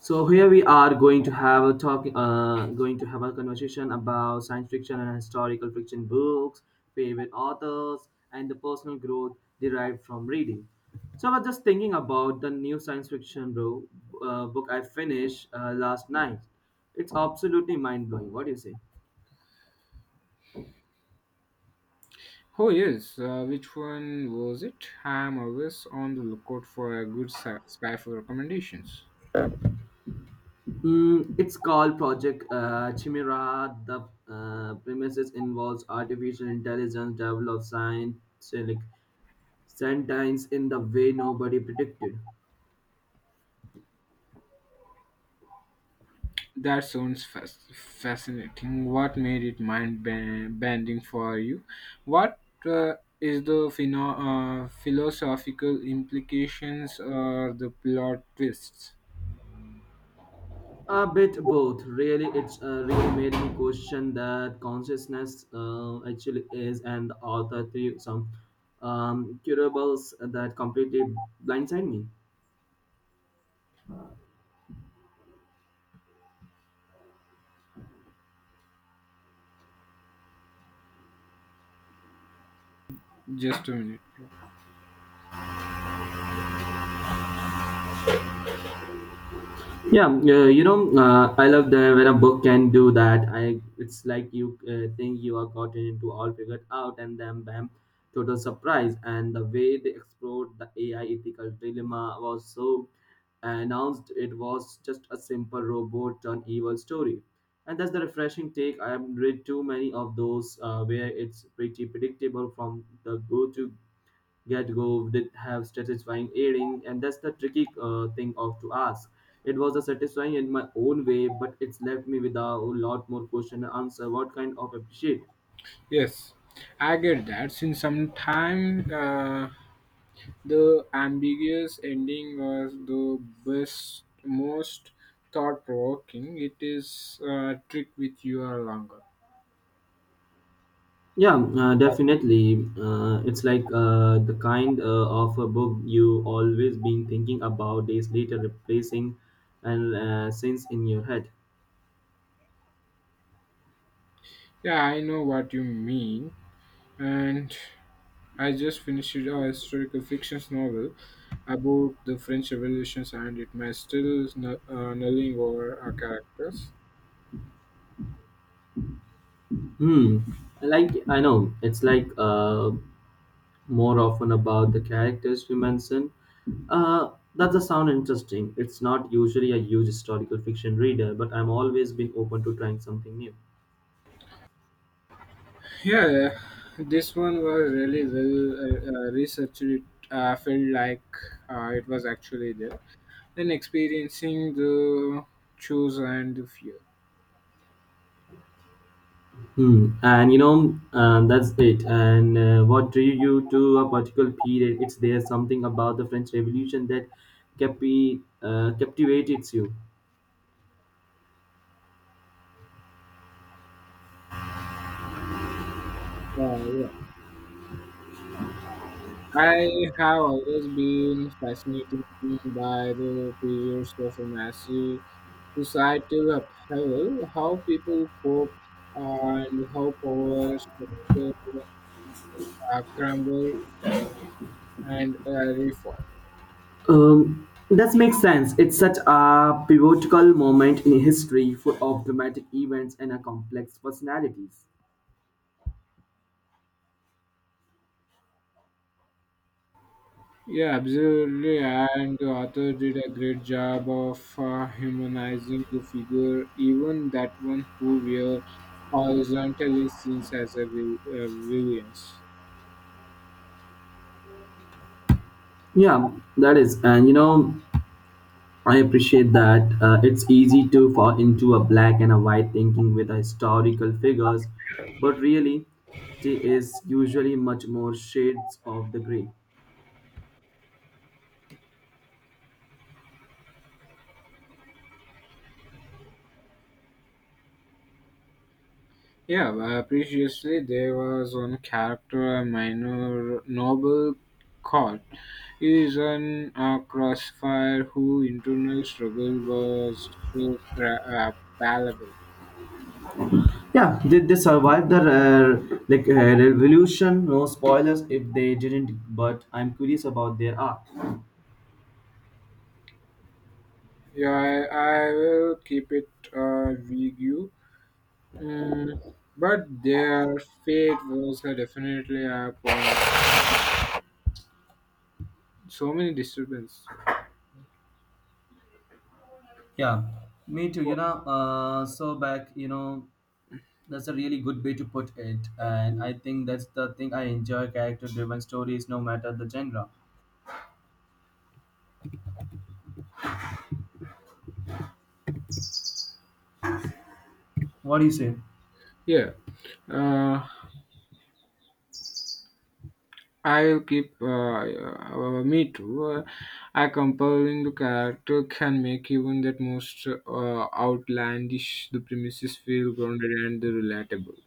So here we are going to have a talk, going to have a conversation about science fiction and historical fiction books, favorite authors, and the personal growth derived from reading. So I was just thinking about the new science fiction bro, book I finished last night. It's absolutely mind blowing. What do you say? Oh yes, which one was it? I'm always on the lookout for a good spy for recommendations. Mm, it's called Project Chimera. The premises involves artificial intelligence developed science sentence in the way nobody predicted. That sounds fascinating. What made it mind bending for you? What uh, is the philosophical implications or the plot twists? A bit both. Really, it's really made me question that consciousness actually is, and the author threw some curables that completely blindside me. Just a minute. Yeah, I love the when a book can do that. I It's like you think you are gotten into all figured out, and then bam, total surprise. And the way they explored the AI ethical dilemma was so announced. It was just a simple robot turned evil story, and that's the refreshing take. I have read too many of those where it's pretty predictable from the go to get go did have satisfying ending, and that's the tricky thing of to ask it was a satisfying in my own way, but it's left me with a lot more question and answer what kind of appreciate. Yes, I get that. Since some time. The ambiguous ending was the best, most thought provoking. It is a trick with you are longer. Yeah, definitely, it's like, the kind of a book you always been thinking about days later, replacing and since in your head. Yeah, I know what you mean. And I just finished a historical fiction novel about the French revolutions and it may still mulling over our characters. Hmm. Like I know it's like, more often about the characters you mention. Uh, that does sound interesting. It's not usually a huge historical fiction reader, but I'm always been open to trying something new. Yeah, this one was really well researched. It felt like it was actually there and experiencing the choose and the fear. Hmm. And you know, that's it. And what drew you to a particular period? It's there something about the French Revolution that captivated you. Yeah, yeah. I have always been fascinated by the periods of a massive societal upheaval, how people cope and how power structures crumble and reform. That makes sense. It's such a pivotal moment in history, full of dramatic events and a complex personalities. Yeah, absolutely. And the author did a great job of humanizing the figure, even that one who were horizontally seen as a villains. Yeah, that is, and you know, I appreciate that. It's easy to fall into a black and a white thinking with historical figures, but really, tea usually much more shades of the gray. Yeah, previously there was one character, a minor noble called. He is an crossfire who internal struggle was so uh, palpable. Yeah, did they survive the revolution? No spoilers if they didn't, but I'm curious about their art. Yeah, I will keep it vague. Mm, but their fate was definitely upon so many disturbances. So, Yeah, me too. You know, so back, That's a really good way to put it, and I think that's the thing I enjoy character driven stories no matter the genre. What do you say? yeah, uh, I'll keep. Me too. I compelling the character can make even that most outlandish the premises feel grounded and relatable.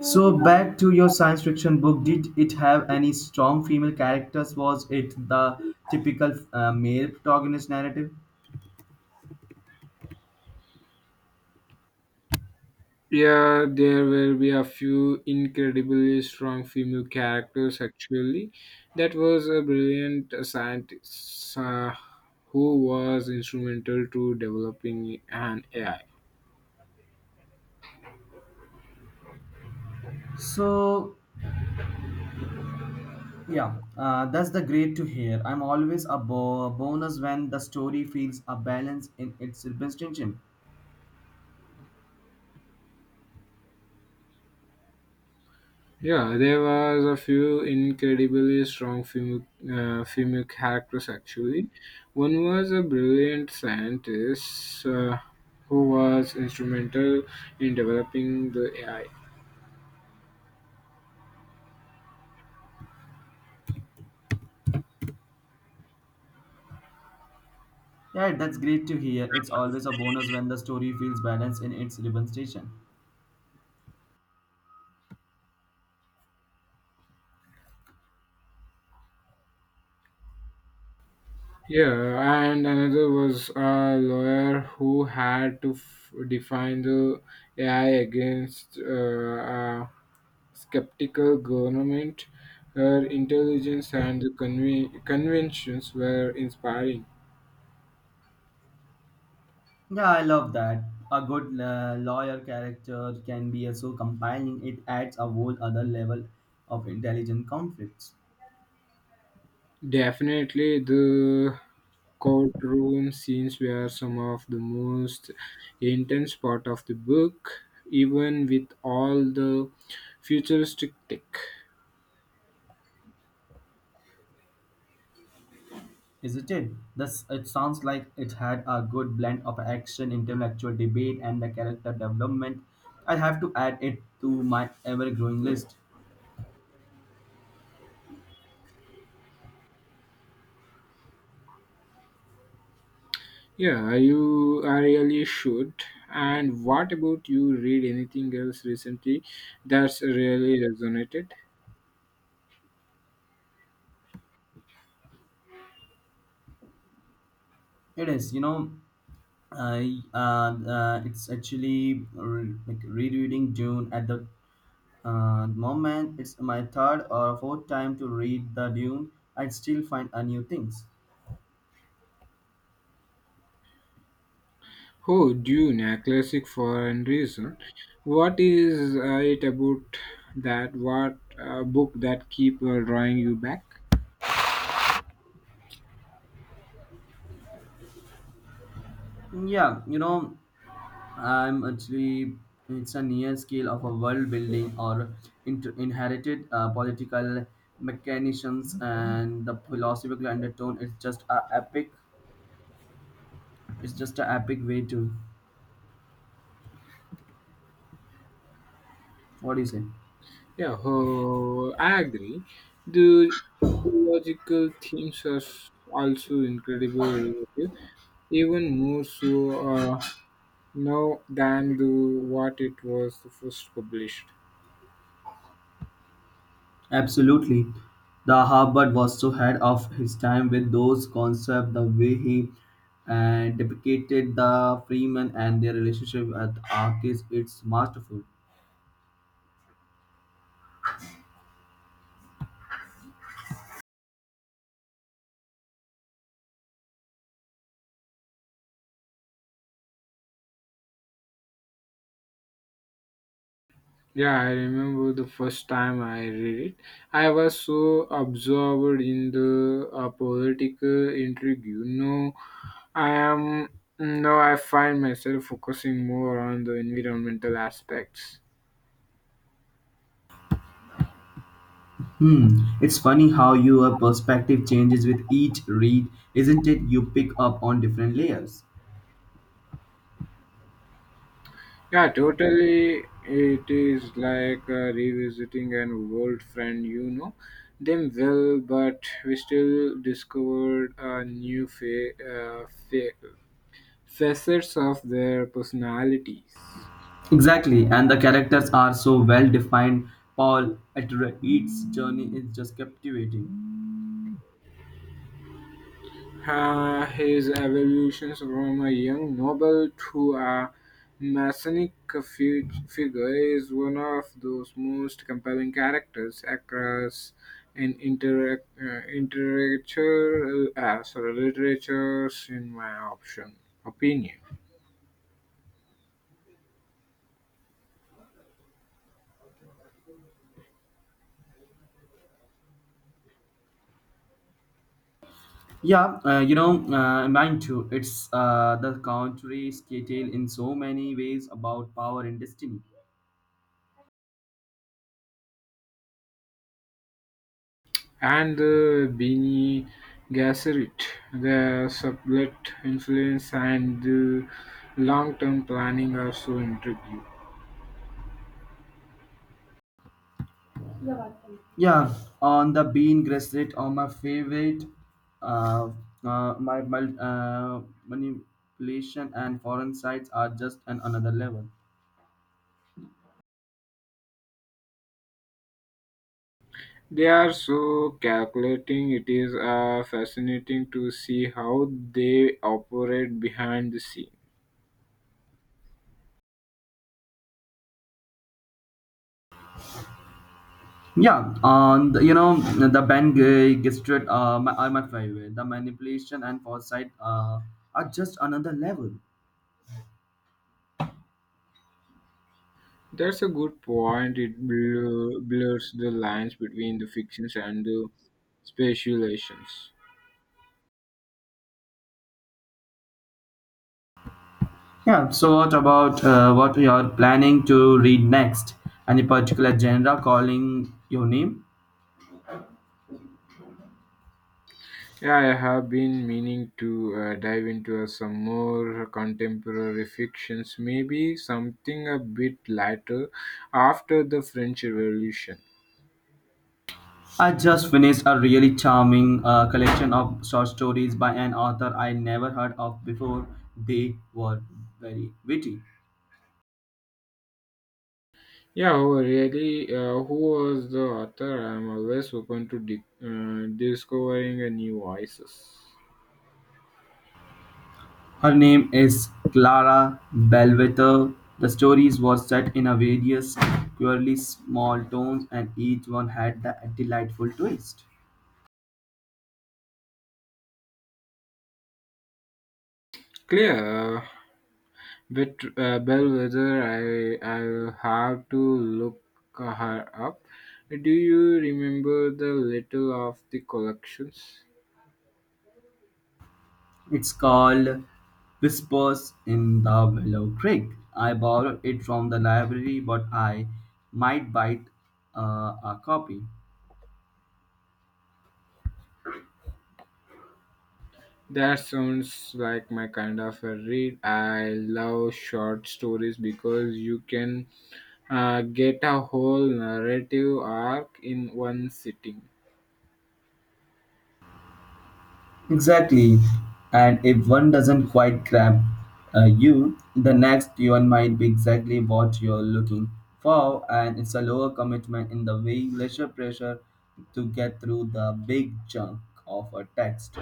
So, back to your science fiction book, did it have any strong female characters? Was it the typical male protagonist narrative? Yeah, there will be a few incredibly strong female characters actually. That was a brilliant scientist who was instrumental to developing an AI. So, yeah, that's the great to hear. I'm always a bonus when the story feels a balance in its representation. Yeah, there was a few incredibly strong female characters actually. One was a brilliant scientist who was instrumental in developing the AI. Yeah, that's great to hear. It's always a bonus when the story feels balanced in its representation. Yeah, and another was a lawyer who had to define the AI against a skeptical government. Her intelligence and the conventions were inspiring. Yeah, I love that. A good lawyer character can be so compelling. It adds a whole other level of intelligent conflicts, Definitely, the courtroom scenes were some of the most intense part of the book, even with all the futuristic tech. isn't it? This It sounds like it had a good blend of action, intellectual debate, and the character development. I'll have to add it to my ever-growing list. Yeah, you I really should. And what about you? Read anything else recently that's really resonated? It is, you know, I it's actually like rereading Dune at the and moment. It's my third or fourth time to read the Dune. I still find a new things. Oh, Dune, a classic for a reason. What is it about that? What book that keep drawing you back? Yeah, you know, I'm actually it's a near scale of a world building or inherited political mechanisms and the philosophical undertone. It's just a epic. It's just a epic way to. What do you say? Yeah, oh, I agree. The ecological themes are also incredible, relative, even more so now than the what it was first published. Absolutely. The Harvard was so ahead of his time with those concepts, the way he depicted the freemen and their relationship at the Arcus, it's masterful. Yeah, I remember the first time I read it. I was so absorbed in the political intrigue. You know, I am, now I find myself focusing more on the environmental aspects. Hmm, it's funny how your perspective changes with each read, isn't it? You pick up on different layers. Yeah, totally. It is like revisiting an old friend. You know them well, but we still discovered a new facets of their personalities. Exactly, and the characters are so well defined. Paul Atreides' journey is just captivating. His evolution from a young noble to a Masonic figure is one of those most compelling characters across literature, sorry, literatures in my option opinion. Yeah, mine too. It's the country's tale in so many ways about power and destiny. And the Bene Gesserit, the sublet influence and the long-term planning are so intriguing. Yeah, on the bean grasslet on my favorite, uh, my manipulation and foreign sites are just an another level. They are so calculating. It is fascinating to see how they operate behind the scene. Yeah, on the, you know the Ben Gestrit my, are my favorite. The manipulation and foresight are just another level. That's a good point. It blurs the lines between the fictions and the speculations. Yeah, so what about what you are planning to read next? Any particular genre calling your name? Yeah, I have been meaning to dive into some more contemporary fictions, maybe something a bit lighter after the French Revolution. I just finished a really charming collection of short stories by an author I never heard of before. They were very witty. Yeah, who really? Who was the author? I'm always open to discovering a new voices. Her name is Clara Belvedere. The stories were set in a various purely small towns and each one had a delightful twist. Clear, uh, but Bellwether, I'll have to look her up. Do you remember the little of the collections? It's called Whispers in the Willow Creek. I borrowed it from the library, but I might bite a copy. That sounds like my kind of a read. I love short stories because you can get a whole narrative arc in one sitting. Exactly. And if one doesn't quite grab you, the next one might be exactly what you're looking for, and it's a lower commitment in the way lesser pressure to get through the big chunk of a text.